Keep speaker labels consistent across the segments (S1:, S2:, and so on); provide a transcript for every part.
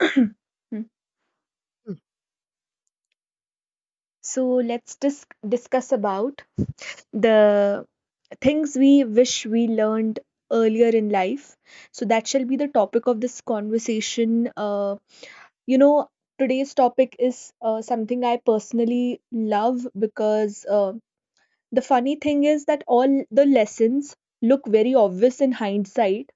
S1: Accept. Hmm. So let's discuss about the things we wish we learned earlier in life. So that shall be the topic of this conversation. You know, Today's topic is something I personally love because the funny thing is that all the lessons look very obvious in hindsight,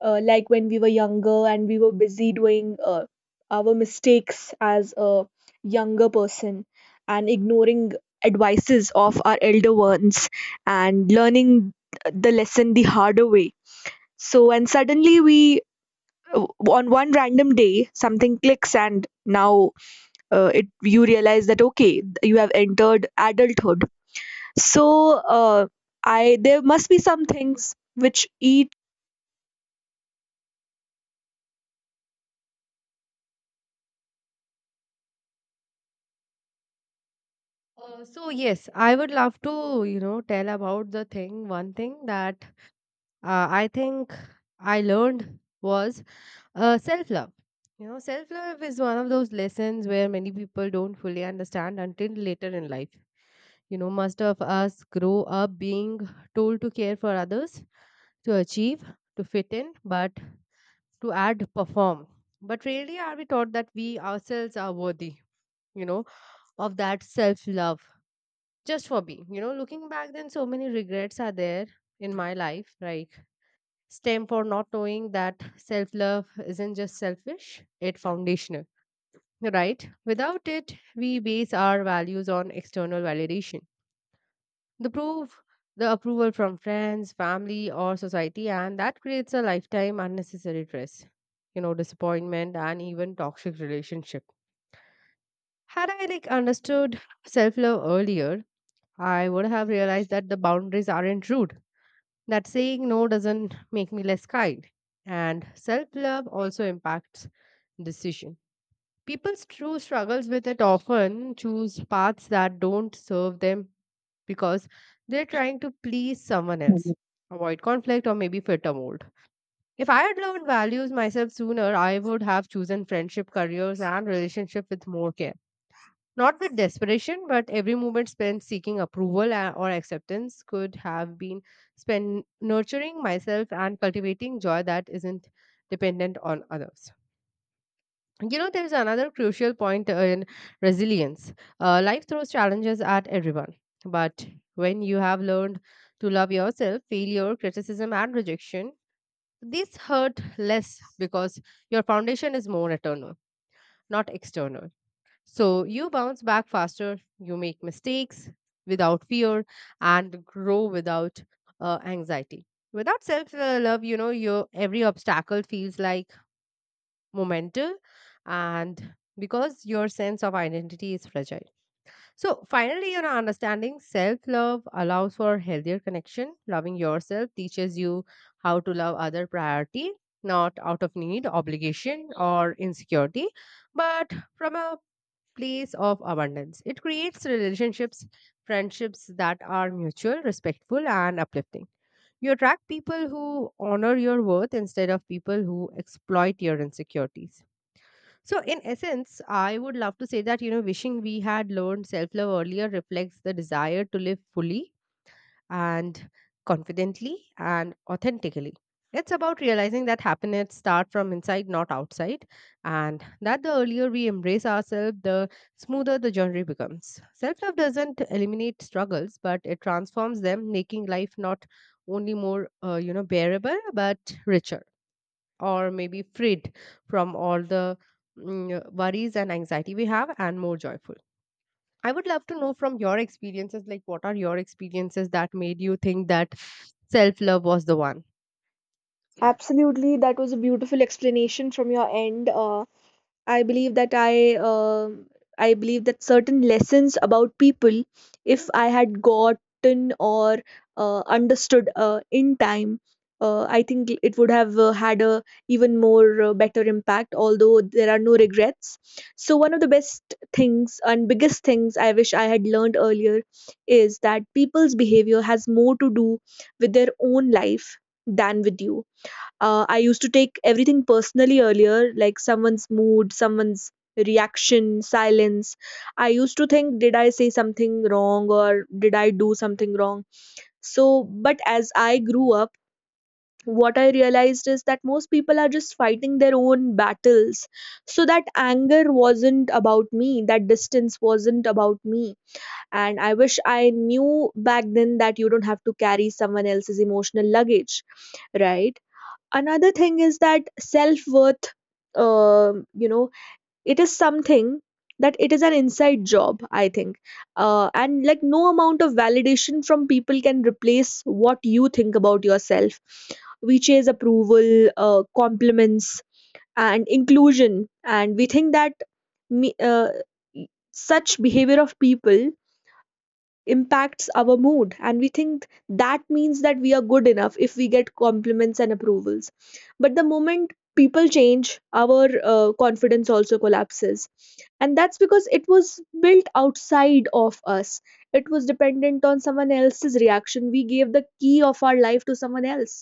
S1: like when we were younger and we were busy doing our mistakes as a younger person and ignoring advices of our elder ones and learning the lesson the harder way. So, and suddenly we, uh, on one random day something clicks, and now, it you realize that okay, you have entered adulthood. So, uh, I there must be some things which eat.
S2: So yes, I would love to, you know, tell about the thing. One thing that I think I learned was self love. You know, self love is one of those lessons where many people don't fully understand until later in life. You know, most of us grow up being told to care for others, to achieve, to fit in, but to add, perform. But really, are we taught that we ourselves are worthy? You know, of that self love just for me, you know, looking back then, so many regrets are there in my life, like stem for not knowing that self-love isn't just selfish, it's foundational, right? Without it, we base our values on external validation, the proof, the approval from friends, family, or society, and that creates a lifetime unnecessary stress, you know, disappointment, and even toxic relationship. Had I like understood self-love earlier, I would have realized that the boundaries aren't rude, that saying no doesn't make me less kind. And self-love also impacts decision. People's true struggles with it often choose paths that don't serve them because they're trying to please someone else, avoid conflict, or maybe fit a mold. If I had learned values myself sooner, I would have chosen friendship, careers, and relationship with more care, not with desperation. But every moment spent seeking approval or acceptance could have been spent nurturing myself and cultivating joy that isn't dependent on others. You know, there is another crucial point in resilience. Life throws challenges at everyone, but when you have learned to love yourself, failure, criticism, and rejection, these hurt less because your foundation is more eternal, not external. So you bounce back faster, you make mistakes without fear, and grow without anxiety. Without self love, you know, your every obstacle feels like momental, and because your sense of identity is fragile. So finally, you know, understanding self love allows for healthier connection. Loving yourself teaches you how to love other priority, not out of need, obligation, or insecurity, but from a place of abundance. It creates relationships, friendships that are mutual, respectful, and uplifting. You attract people who honor your worth instead of people who exploit your insecurities. So, in essence, I would love to say that, you know, wishing we had learned self love earlier reflects the desire to live fully and confidently and authentically. It's about realizing that happiness starts from inside, not outside, and that the earlier we embrace ourselves, the smoother the journey becomes. Self love doesn't eliminate struggles, but it transforms them, making life not only more, you know, bearable, but richer, or maybe freed from all the worries and anxiety we have, and more joyful. I would love to know from your experiences, like what are your experiences that made you think that self love was the one?
S1: Absolutely, that was a beautiful explanation from your end. I believe that I believe that certain lessons about people, if I had gotten or understood in time, I think it would have had a even more better impact. Although there are no regrets, so one of the best things and biggest things I wish I had learned earlier is that people's behavior has more to do with their own life than with you. I used to take everything personally earlier, like someone's mood, someone's reaction, silence. I used to think, did I say something wrong or did I do something wrong? So, but as I grew up, what I realized is that most people are just fighting their own battles. So, that anger wasn't about me, that distance wasn't about me. And I wish I knew back then that you don't have to carry someone else's emotional luggage. Right. Another thing is that self-worth, um you know it is something that it is an inside job, I think. And like, no amount of validation from people can replace what you think about yourself. We chase approval, compliments, and inclusion, and we think that me, uh, such behavior of people impacts our mood, and we think that means that we are good enough if we get compliments and approvals. But the moment people change, our confidence also collapses, and that's because it was built outside of us. It was dependent on someone else's reaction. We gave the key of our life to someone else.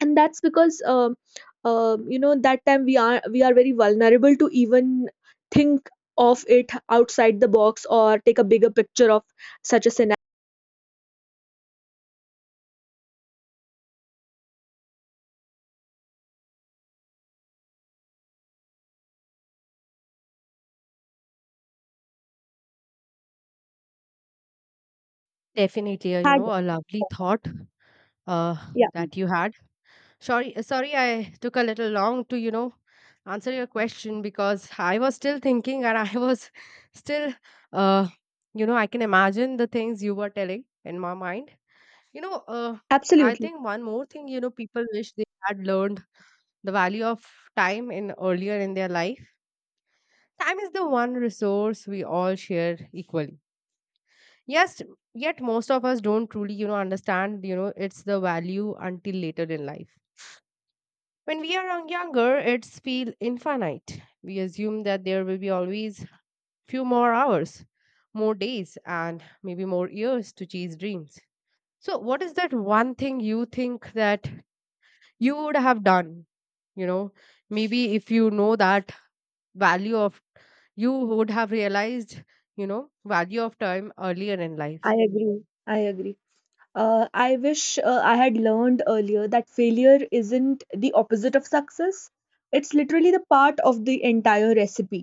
S1: And that's because that time, we are very vulnerable to even think of it outside the box or take a bigger picture of such a scenario.
S2: Definitely, you
S1: Had.
S2: know, a lovely thought uh,
S1: Yeah.
S2: that you had. Sorry, sorry, I took a little long to, you know, answer your question because I was still thinking and I was still, uh, you know, I can imagine the things you were telling in my mind. You know, I
S1: Absolutely.
S2: think one more thing, you know, people wish they had learned the value of time in earlier in their life. Time is the one resource we all share equally. Yes, yet most of us don't truly, you know, understand, you know, it's the value until later in life. When we are younger, it's feel infinite. We assume that there will be always few more hours, more days, and maybe more years to chase dreams. So, what is that one thing you think that you would have done? You know, maybe if you know that value of, you would have realized, you know, value of time earlier in
S1: I
S2: life.
S1: agree. I agree. I wish I had learned earlier that failure isn't the opposite of success. It's literally the part of the entire recipe.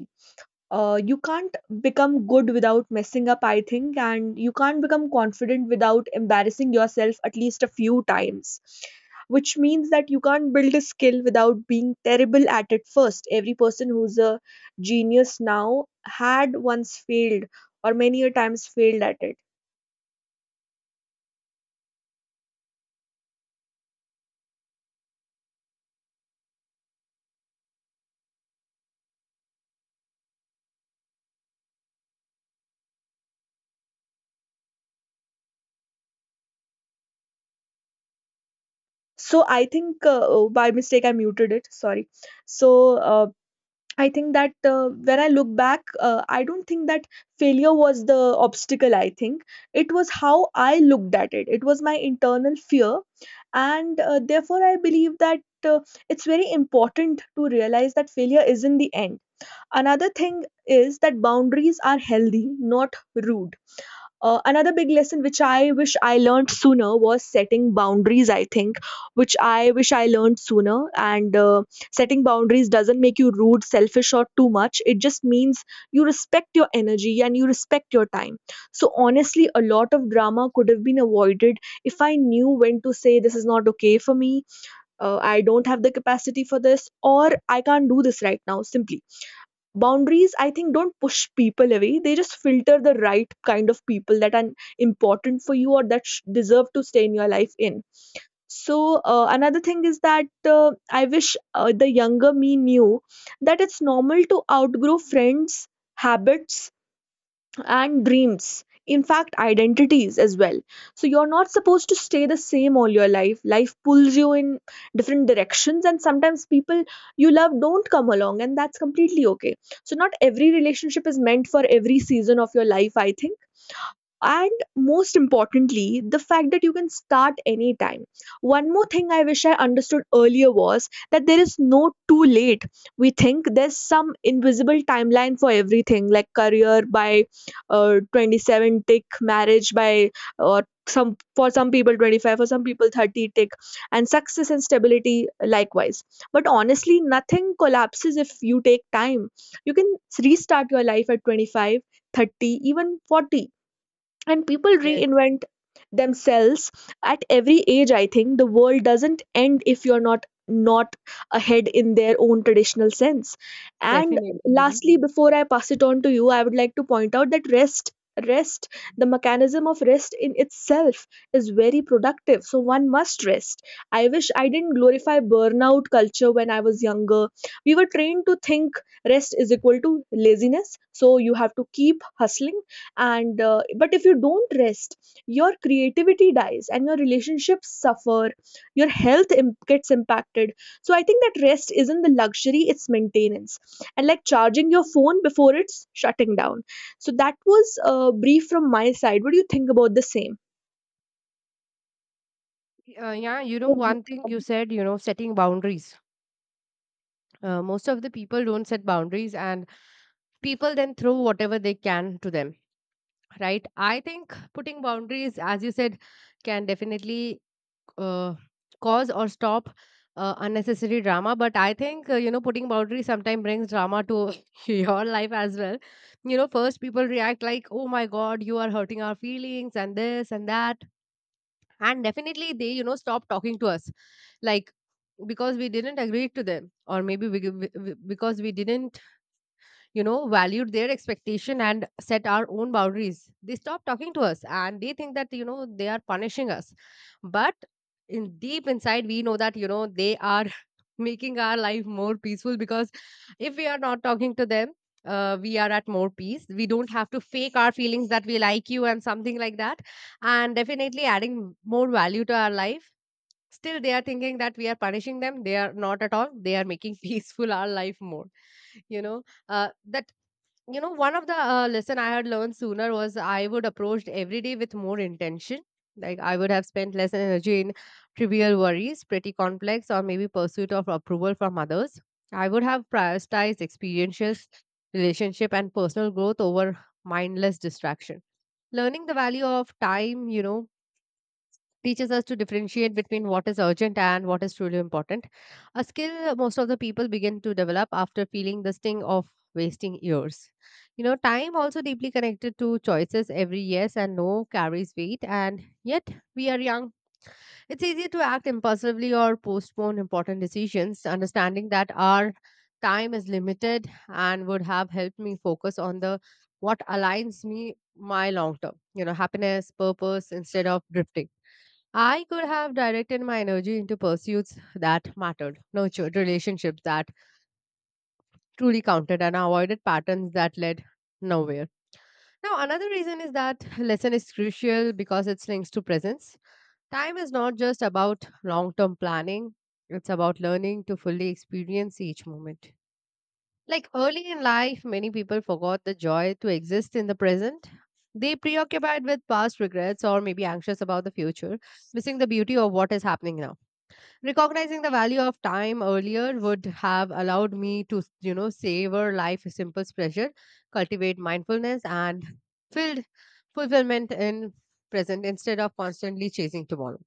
S1: You can't become good without messing up, I think, and you can't become confident without embarrassing yourself at least a few times, which means that you can't build a skill without being terrible at it first. Every person who's a genius now had once failed, or many a times failed at it. So I think, by mistake I muted it, sorry. So, uh, I think that, when I look back, I don't think that failure was the obstacle. I think it was how I looked at it. It was my internal fear. And therefore, I believe that it's very important to realize that failure isn't the end. Another thing is that boundaries are healthy, not rude. Another big lesson which I wish I learned sooner was setting boundaries, I think, which I wish I learned sooner. And setting boundaries doesn't make you rude, selfish, or too much. It just means you respect your energy and you respect your time. So, honestly, a lot of drama could have been avoided if I knew when to say this is not okay for me, I don't have the capacity for this, or I can't do this right now. Simply, boundaries, I think, don't push people away. They just filter the right kind of people that are important for you, or that deserve to stay in your life in. So, another thing is that I wish the younger me knew that it's normal to outgrow friends, habits, and dreams, in fact identities as well. So you're not supposed to stay the same all your life. Life pulls you in different directions, and sometimes people you love don't come along, and that's completely okay. So not every relationship is meant for every season of your life, I think. And most importantly, the fact that you can start anytime. One more thing I wish I understood earlier was that there is no too late. We think there's some invisible timeline for everything, like career by 27, tick, marriage by, or some, for some people 25, for some people 30, tick, and success and stability likewise. But honestly, nothing collapses if you take time. You can restart your life at 25, 30, even 40, and people
S2: Yes,
S1: reinvent themselves at every age. I think the world doesn't end if you're not ahead in their own traditional sense. And
S2: definitely. You know,
S1: lastly, before I pass it on to you, I would like to point out that rest, the mechanism of rest in itself, is very productive, so one must rest. I wish I didn't glorify burnout culture when I was younger. We were trained to think rest is equal to laziness, so you have to keep hustling. And but if you don't rest, your creativity dies, and your relationships suffer, your health gets impacted. So I think that rest isn't the luxury, it's maintenance, and like charging your phone before it's shutting down. So that was, brief from my side. What do you think about the same?
S2: yeah, you know,
S1: Mhm.
S2: one thing you said, you know, setting boundaries, most of the people don't set boundaries, and people then throw whatever they can to them, right? I think putting boundaries, as you said, can definitely uh, cause or stop unnecessary drama. But I think you know, putting boundaries sometimes brings drama to your life as well. You know, first people react like, oh my god, you are hurting our feelings and this and that, and definitely they, you know, stop talking to us. Like, because we didn't agree to them, or maybe because we didn't, you know, valued their expectation and set our own boundaries, they stop talking to us and they think that, you know, they are punishing us. But in deep inside, we know that, you know, they are making our life more peaceful because if we are not talking to them, we are at more peace, we don't have to fake our feelings that we like you and something like that, and definitely adding more value to our life. Still, they are thinking that we are punishing them. They are not at all, they are making peaceful our life more, you know, that, you know, one of the lesson I had learned sooner was I would approach every day with more intention. Like I would have spent less energy in trivial worries, pretty complex, or maybe pursuit of approval from others. I would have prioritized experiences, relationship, and personal growth over mindless distraction. Learning the value of time, you know, teaches us to differentiate between what is urgent and what is truly important, a skill most of the people begin to develop after feeling the sting of wasting years. You know, time also deeply connected to choices. Every yes and no carries weight, and yet we are young. It's easy to act impulsively or postpone important decisions. Understanding that our time is limited and would have helped me focus on the what aligns me, my long term, you know, happiness purpose instead of drifting. I could have directed my energy into pursuits that mattered, nurtured relationships that truly counted, and avoided patterns that led nowhere. Now, another reason is that lesson is crucial because it's links to presence. Time is not just about long term planning, it's about learning to fully experience each moment. Like early in life, many people forgot the joy to exist in the present. They preoccupied with past regrets or maybe anxious about the future, missing the beauty of what is happening now. Recognizing the value of time earlier would have allowed me to, you know, savor life's simple pleasure, cultivate mindfulness, and filled fulfillment in present instead of constantly chasing tomorrow.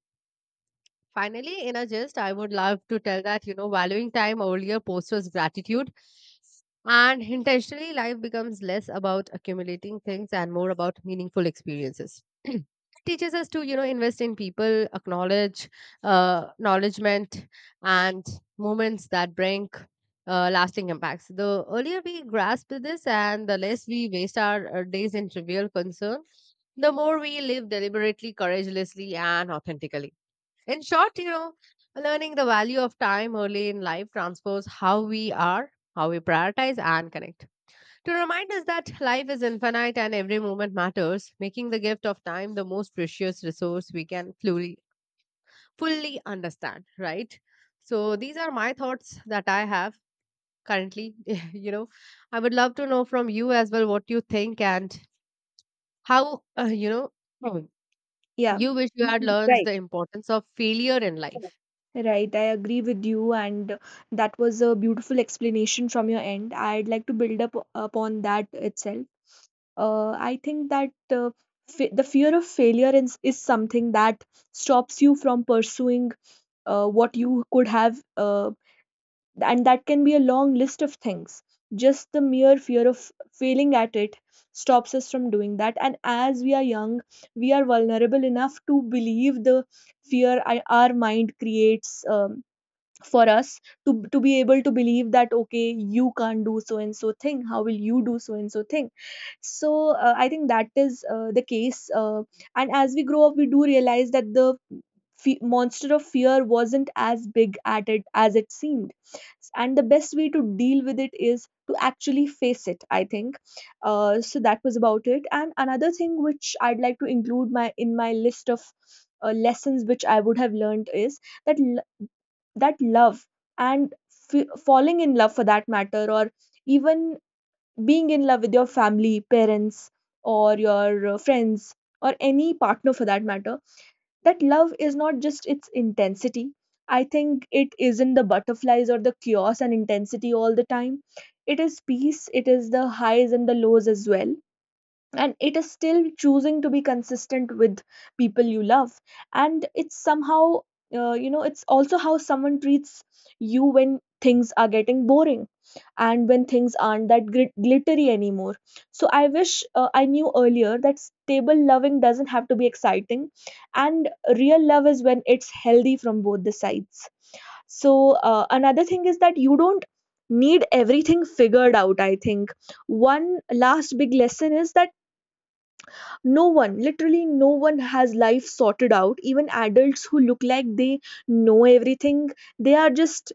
S2: Finally, in a gist, I would love to tell that, you know, valuing time earlier postures gratitude and intentionally life becomes less about accumulating things and more about meaningful experiences. It teaches us to, you know, invest in people, acknowledge, acknowledgement and moments that bring lasting impacts. The earlier we grasp this and the less we waste our days in trivial concern, the more we live deliberately, courageously, and authentically. In short, you know, learning the value of time early in life transforms how we are, how we prioritize, and connect. To remind us that life is infinite and every moment matters, making the gift of time the most precious resource we can fully, fully understand, right? So, these are my thoughts that I have currently. You know, I would love to know from you as well what you think and how, you know,
S1: Yeah.
S2: you wish you had learned
S1: Right.
S2: the importance of failure in life.
S1: Right, I agree with you, and that was a beautiful explanation from your end. I'd like to build up upon that itself. I think that the fear of failure is something that stops you from pursuing, what you could have, and that can be a long list of things. Just the mere fear of failing at it stops us from doing that. And as we are young, we are vulnerable enough to believe the fear, our mind creates. For us to be able to believe that okay, you can't do so and so thing, how will you do so and so thing? So, I think that is, the case. And as we grow up, we do realize that the monster of fear wasn't as big at it as it seemed, and the best way to deal with it is to actually face it, I think. So that was about it. And another thing which I'd like to include my in my list of lessons which I would have learned is that that love, and falling in love for that matter, or even being in love with your family, parents, or your friends, or any partner for that matter, that love is not just its intensity, I think. It isn't the butterflies or the chaos and intensity all the time. It is peace. It is the highs and the lows as well. And it is still choosing to be consistent with people you love. And it's somehow, it's also how someone treats you when things are getting boring, and when things aren't that glittery anymore. So I wish I knew earlier that stable loving doesn't have to be exciting, and real love is when it's healthy from both the sides. So, another thing is that you don't need everything figured out, I think. One last big lesson is that no one, literally no one, has life sorted out, even adults who look like they know everything. They are just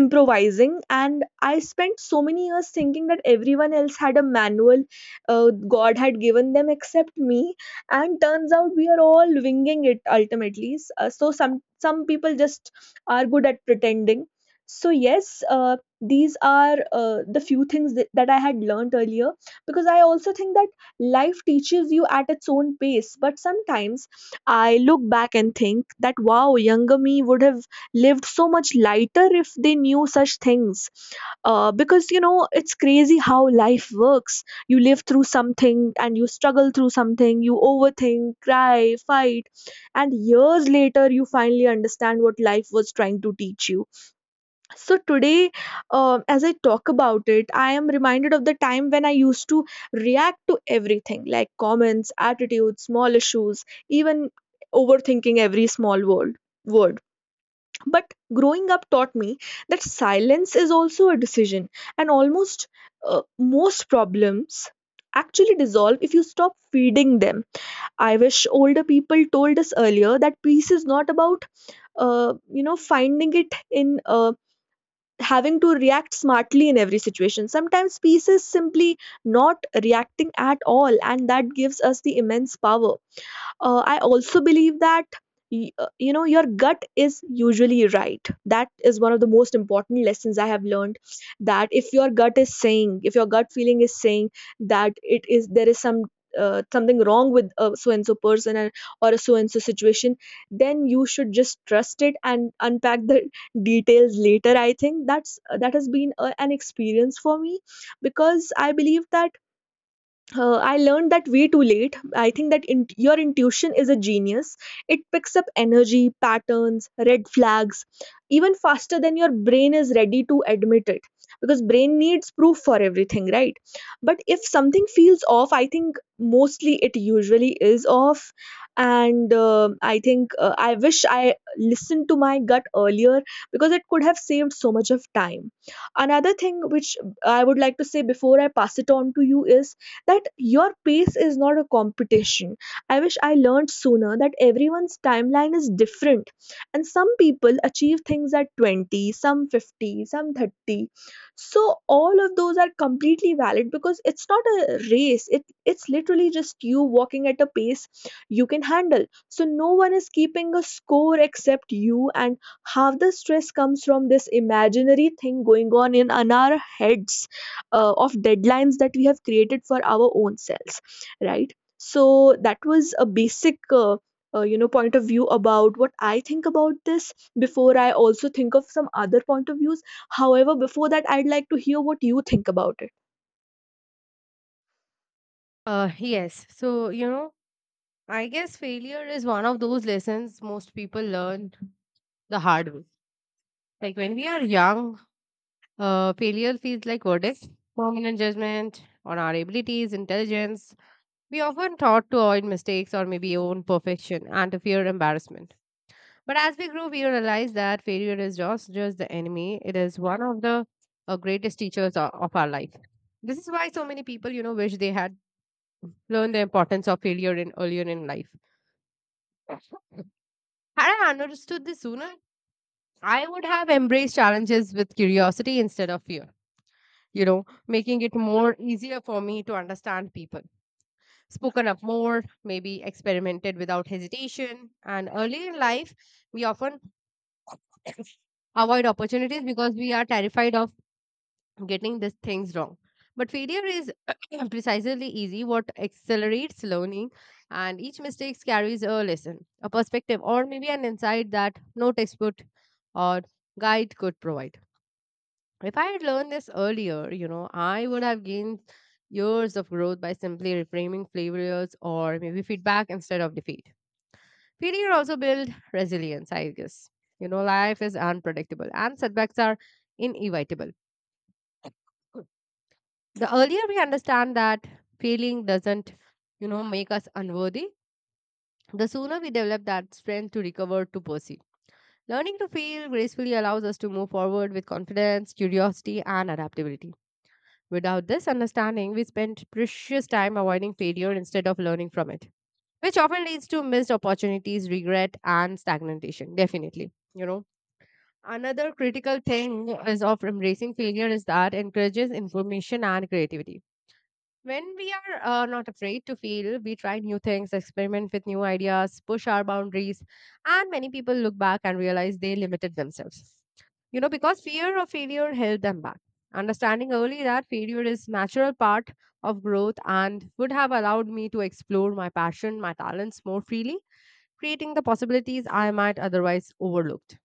S1: improvising, and I spent so many years thinking that everyone else had a manual, uh, god had given them except me. And turns out we are all winging it ultimately. So some people just are good at pretending. So yes, these are the few things that I had learned earlier, because I also think that life teaches you at its own pace, but sometimes I look back and think that wow, younger me would have lived so much lighter if they knew such things. Because it's crazy how life works. You live through something, and you struggle through something, you overthink, cry, fight, and years later you finally understand what life was trying to teach you. So today, as I talk about it, I am reminded of the time when I used to react to everything, like comments, attitudes, small issues, even overthinking every small word. But growing up taught me that silence is also a decision, and almost, most problems actually dissolve if you stop feeding them. I wish older people told us earlier that peace is not about finding it in having to react smartly in every situation. Sometimes peace is simply not reacting at all, and that gives us the immense power. I also believe that your gut is usually right. That is one of the most important lessons I have learned. That if your gut is saying, if your gut feeling is saying that it is there is some something wrong with a so and so person or a so and so situation, then you should just trust it and unpack the details later. I think that has been an experience for me because I believe that I learned that way too late. I think that your intuition is a genius. It picks up energy, patterns, red flags, even faster than your brain is ready to admit it. Because brain needs proof for everything, right? But if something feels off, I think mostly it usually is off. And I think I wish I listened to my gut earlier because it could have saved so much of time. Another thing which I would like to say before I pass it on to you is that your pace is not a competition. I wish I learned sooner that everyone's timeline is different. And some people achieve things at 20, some 50, some 30. So all of those are completely valid because it's not a race. It's literally just you walking at a pace you can handle. So no one is keeping a score except you, and half the stress comes from this imaginary thing going on in our heads, of deadlines that we have created for our own selves, right? So that was a basic point of view about what I think about this before I also think of some other point of views. However, before that, I'd like to hear what you think about it.
S2: Yes. So, you know, I guess failure is one of those lessons most people learn the hard way. Like when we are young, failure feels like verdict, permanent judgment on our abilities, intelligence. We often taught to avoid mistakes or maybe own perfection and to fear embarrassment. But as we grow, we realize that failure is just the enemy. It is one of the greatest teachers of our life. This is why so many people, you know, wish they had learned the importance of failure in earlier in life. Had I understood this sooner, I would have embraced challenges with curiosity instead of fear, you know, making it more easier for me to understand people. Spoken up more, maybe experimented without hesitation. And early in life, we often avoid opportunities because we are terrified of getting these things wrong. But failure is precisely easy, what accelerates learning, and each mistake carries a lesson, a perspective, or maybe an insight that no textbook or guide could provide. If I had learned this earlier, you know, I would have gained years of growth by simply reframing failures or maybe feedback instead of defeat. Failure also builds resilience, I guess. You know, life is unpredictable and setbacks are inevitable. The earlier we understand that failing doesn't make us unworthy, the sooner we develop that strength to recover, to pursue learning. To fail gracefully allows us to move forward with confidence, curiosity, and adaptability. Without this understanding, we spend precious time avoiding failure instead of learning from it, which often leads to missed opportunities, regret, and stagnation. Definitely, another critical thing is of embracing failure is that encourages information and creativity. When we are not afraid to fail, we try new things, experiment with new ideas, push our boundaries, and many people look back and realize they limited themselves. You know, because fear of failure held them back. Understanding early that failure is natural part of growth and would have allowed me to explore my passion, my talents more freely, creating the possibilities I might otherwise overlooked.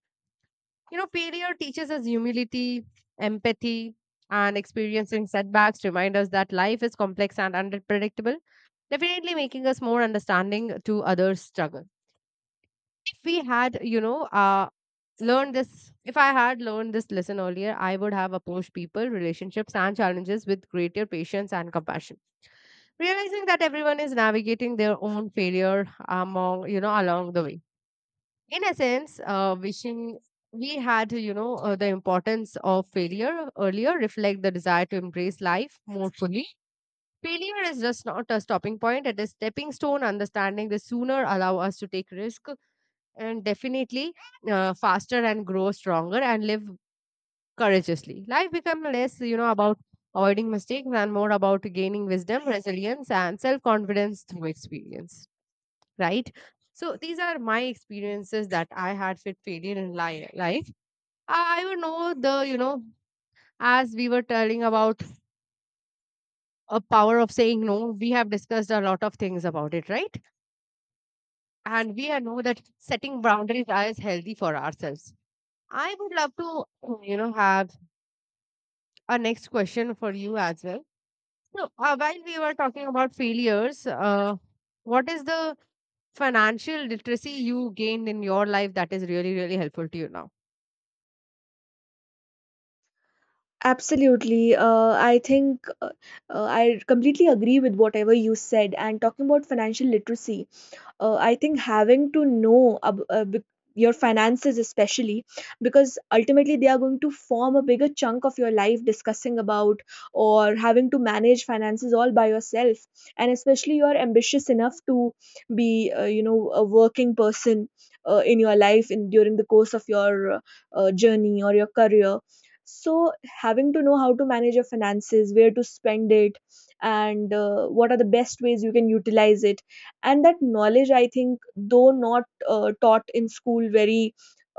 S2: You know, failure teaches us humility, empathy, and experiencing setbacks remind us that life is complex and unpredictable, definitely making us more understanding to others' struggle. If we had, you know, learned this, If I had learned this lesson earlier, I would have approached people, relationships, and challenges with greater patience and compassion. Realizing that everyone is navigating their own failure among, along the way in a sense, wishing we had, the importance of failure earlier reflect the desire to embrace life more fully. Failure is just not a stopping point; it is stepping stone. Understanding the sooner allow us to take risk, and definitely faster and grow stronger and live courageously. Life become less, about avoiding mistakes and more about gaining wisdom, resilience, and self confidence through experience, right? So these are my experiences that I had with failure in life. I would know the, as we were telling about a power of saying no, we have discussed a lot of things about it, right? And we are know that setting boundaries are is healthy for ourselves. I would love to, have a next question for you as well. So while we were talking about failures, what is the financial literacy you gained in your life that is really, really helpful to you now?
S1: Absolutely. I think I completely agree with whatever you said. And talking about financial literacy, I think having to know your finances, especially because ultimately they are going to form a bigger chunk of your life, discussing about or having to manage finances all by yourself, and especially you're ambitious enough to be a working person in your life in during the course of your journey or your career. So having to know how to manage your finances, where to spend it, and what are the best ways you can utilize it, and that knowledge, I think, though not taught in school very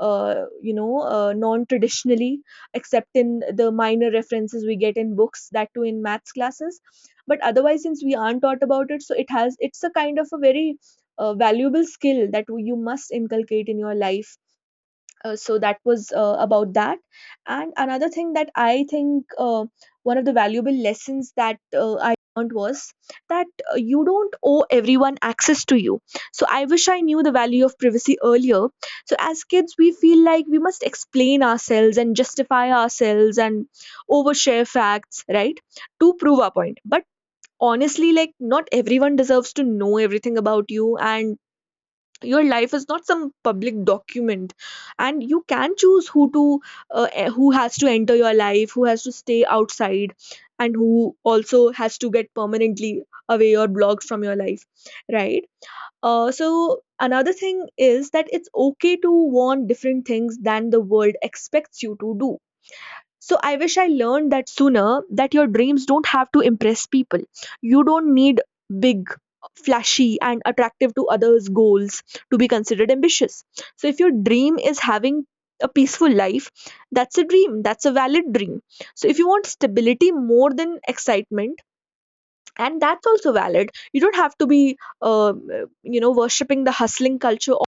S1: non traditionally, except in the minor references we get in books, that too in maths classes. But otherwise, since we aren't taught about it, so it has, it's a kind of a very valuable skill that you must inculcate in your life. So that was about that. And another thing that I think, one of the valuable lessons that I learned was that you don't owe everyone access to you. So I wish I knew the value of privacy earlier. So as kids, we feel like we must explain ourselves and justify ourselves and overshare facts, right, to prove our point. But honestly, like, not everyone deserves to know everything about you, and your life is not some public document, and you can choose who to who has to enter your life, who has to stay outside, and who also has to get permanently away or blocked from your life, right. So another thing is that it's okay to want different things than the world expects you to do. So I wish I learned that sooner, that your dreams don't have to impress people. You don't need big, flashy, and attractive to others goals to be considered ambitious. So if your dream is having a peaceful life, that's a dream, that's a valid dream. So if you want stability more than excitement, and that's also valid. You don't have to be, uh, worshipping the hustling culture or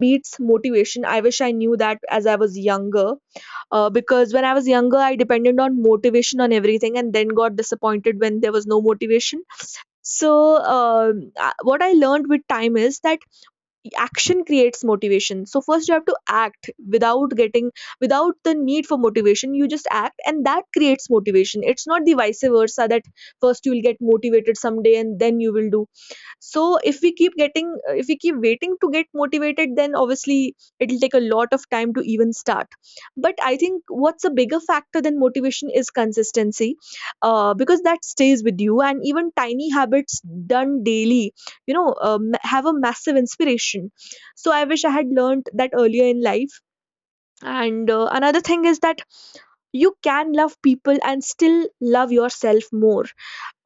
S1: beats motivation. I wish I knew that as I was younger, because when I was younger, I depended on motivation on everything and then got disappointed when there was no motivation. So what I learned with time is that action creates motivation. So first you have to act without getting, without the need for motivation, you just act, and that creates motivation. It's not the vice versa, that first you will get motivated someday and then you will do. So if we keep getting, if we keep waiting to get motivated, then obviously it'll take a lot of time to even start. But I think what's a bigger factor than motivation is consistency, because that stays with you, and even tiny habits done daily, have a massive inspiration. So I wish I had learned that earlier in life. And another thing is that you can love people and still love yourself more.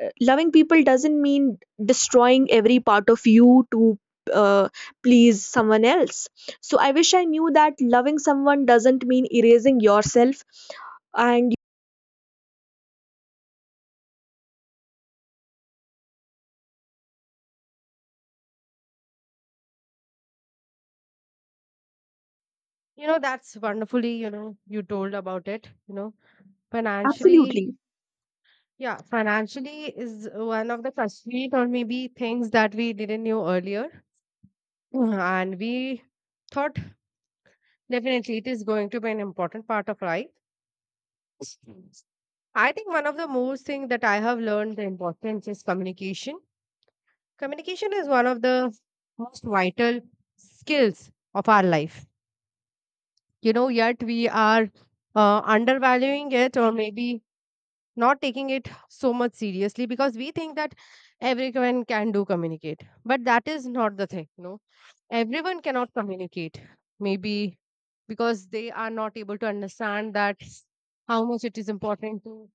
S1: Loving people doesn't mean destroying every part of you to uh, please someone else. So I wish I knew that loving someone doesn't mean erasing yourself. And
S2: You know, that's wonderfully, you know, you told about it. You know, financially,
S1: absolutely.
S2: yeah, financially is one of the constraint or maybe things that we didn't know earlier. Mhm. And we thought definitely it is going to be an important part of life. I think one of the most thing that I have learned the importance is communication. Communication is one of the most vital skills of our life. You know, yet we are undervaluing it or maybe not taking it so much seriously because we think that everyone can do communicate, but that is not the thing. No, everyone cannot communicate, maybe because they are not able to understand that how much it is important to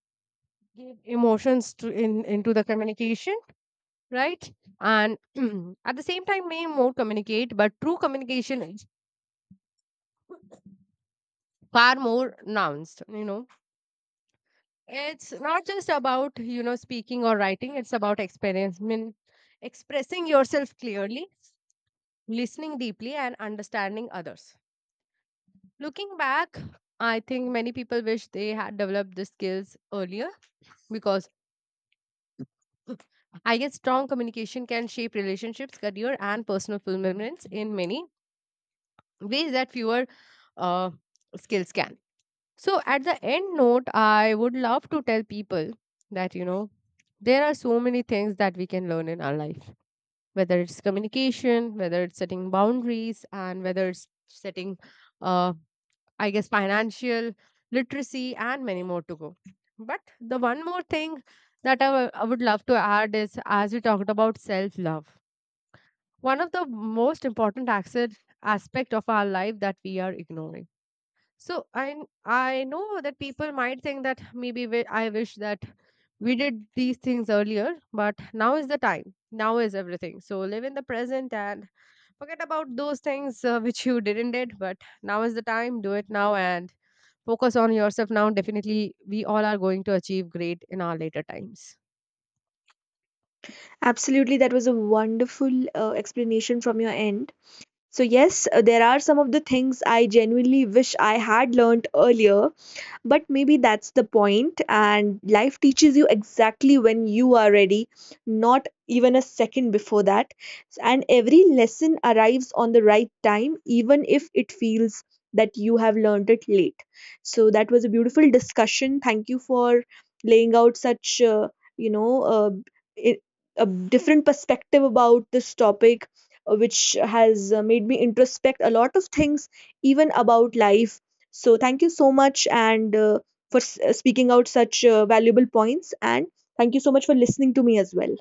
S2: give emotions to in into the communication, right? And at the same time may more communicate, but true communication is far more nuanced, you know. It's not just about, you know, speaking or writing, it's about experience, mean expressing yourself clearly, listening deeply, and understanding others. Looking back, I think many people wish they had developed the skills earlier because I guess strong communication can shape relationships, career, and personal fulfillments in many ways that fewer uh, skills can. So, at the end note, I would love to tell people that, you know, there are so many things that we can learn in our life, whether it's communication, whether it's setting boundaries, and whether it's setting, uh, I guess, financial literacy, and many more to go. But the one more thing that I would love to add is as we talked about self love, one of the most important access aspect of our life that we are ignoring. So I know that people might think that I wish that we did these things earlier, but now is the time. Now is everything. So live in the present and forget about those things which you didn't did. But now is the time. Do it now and focus on yourself now. Definitely, we all are going to achieve great in our later times.
S1: Absolutely, that was a wonderful explanation from your end. So yes, there are some of the things I genuinely wish I had learned earlier. But maybe that's the point, and life teaches you exactly when you are ready, not even a second before that. And every lesson arrives on the right time, even if it feels that you have learned it late. So that was a beautiful discussion. Thank you for laying out such, you know, uh, i- a different perspective about this topic, which has made me introspect a lot of things, even about life. So thank you so much, and speaking out such valuable points, and thank you so much for listening to me as well.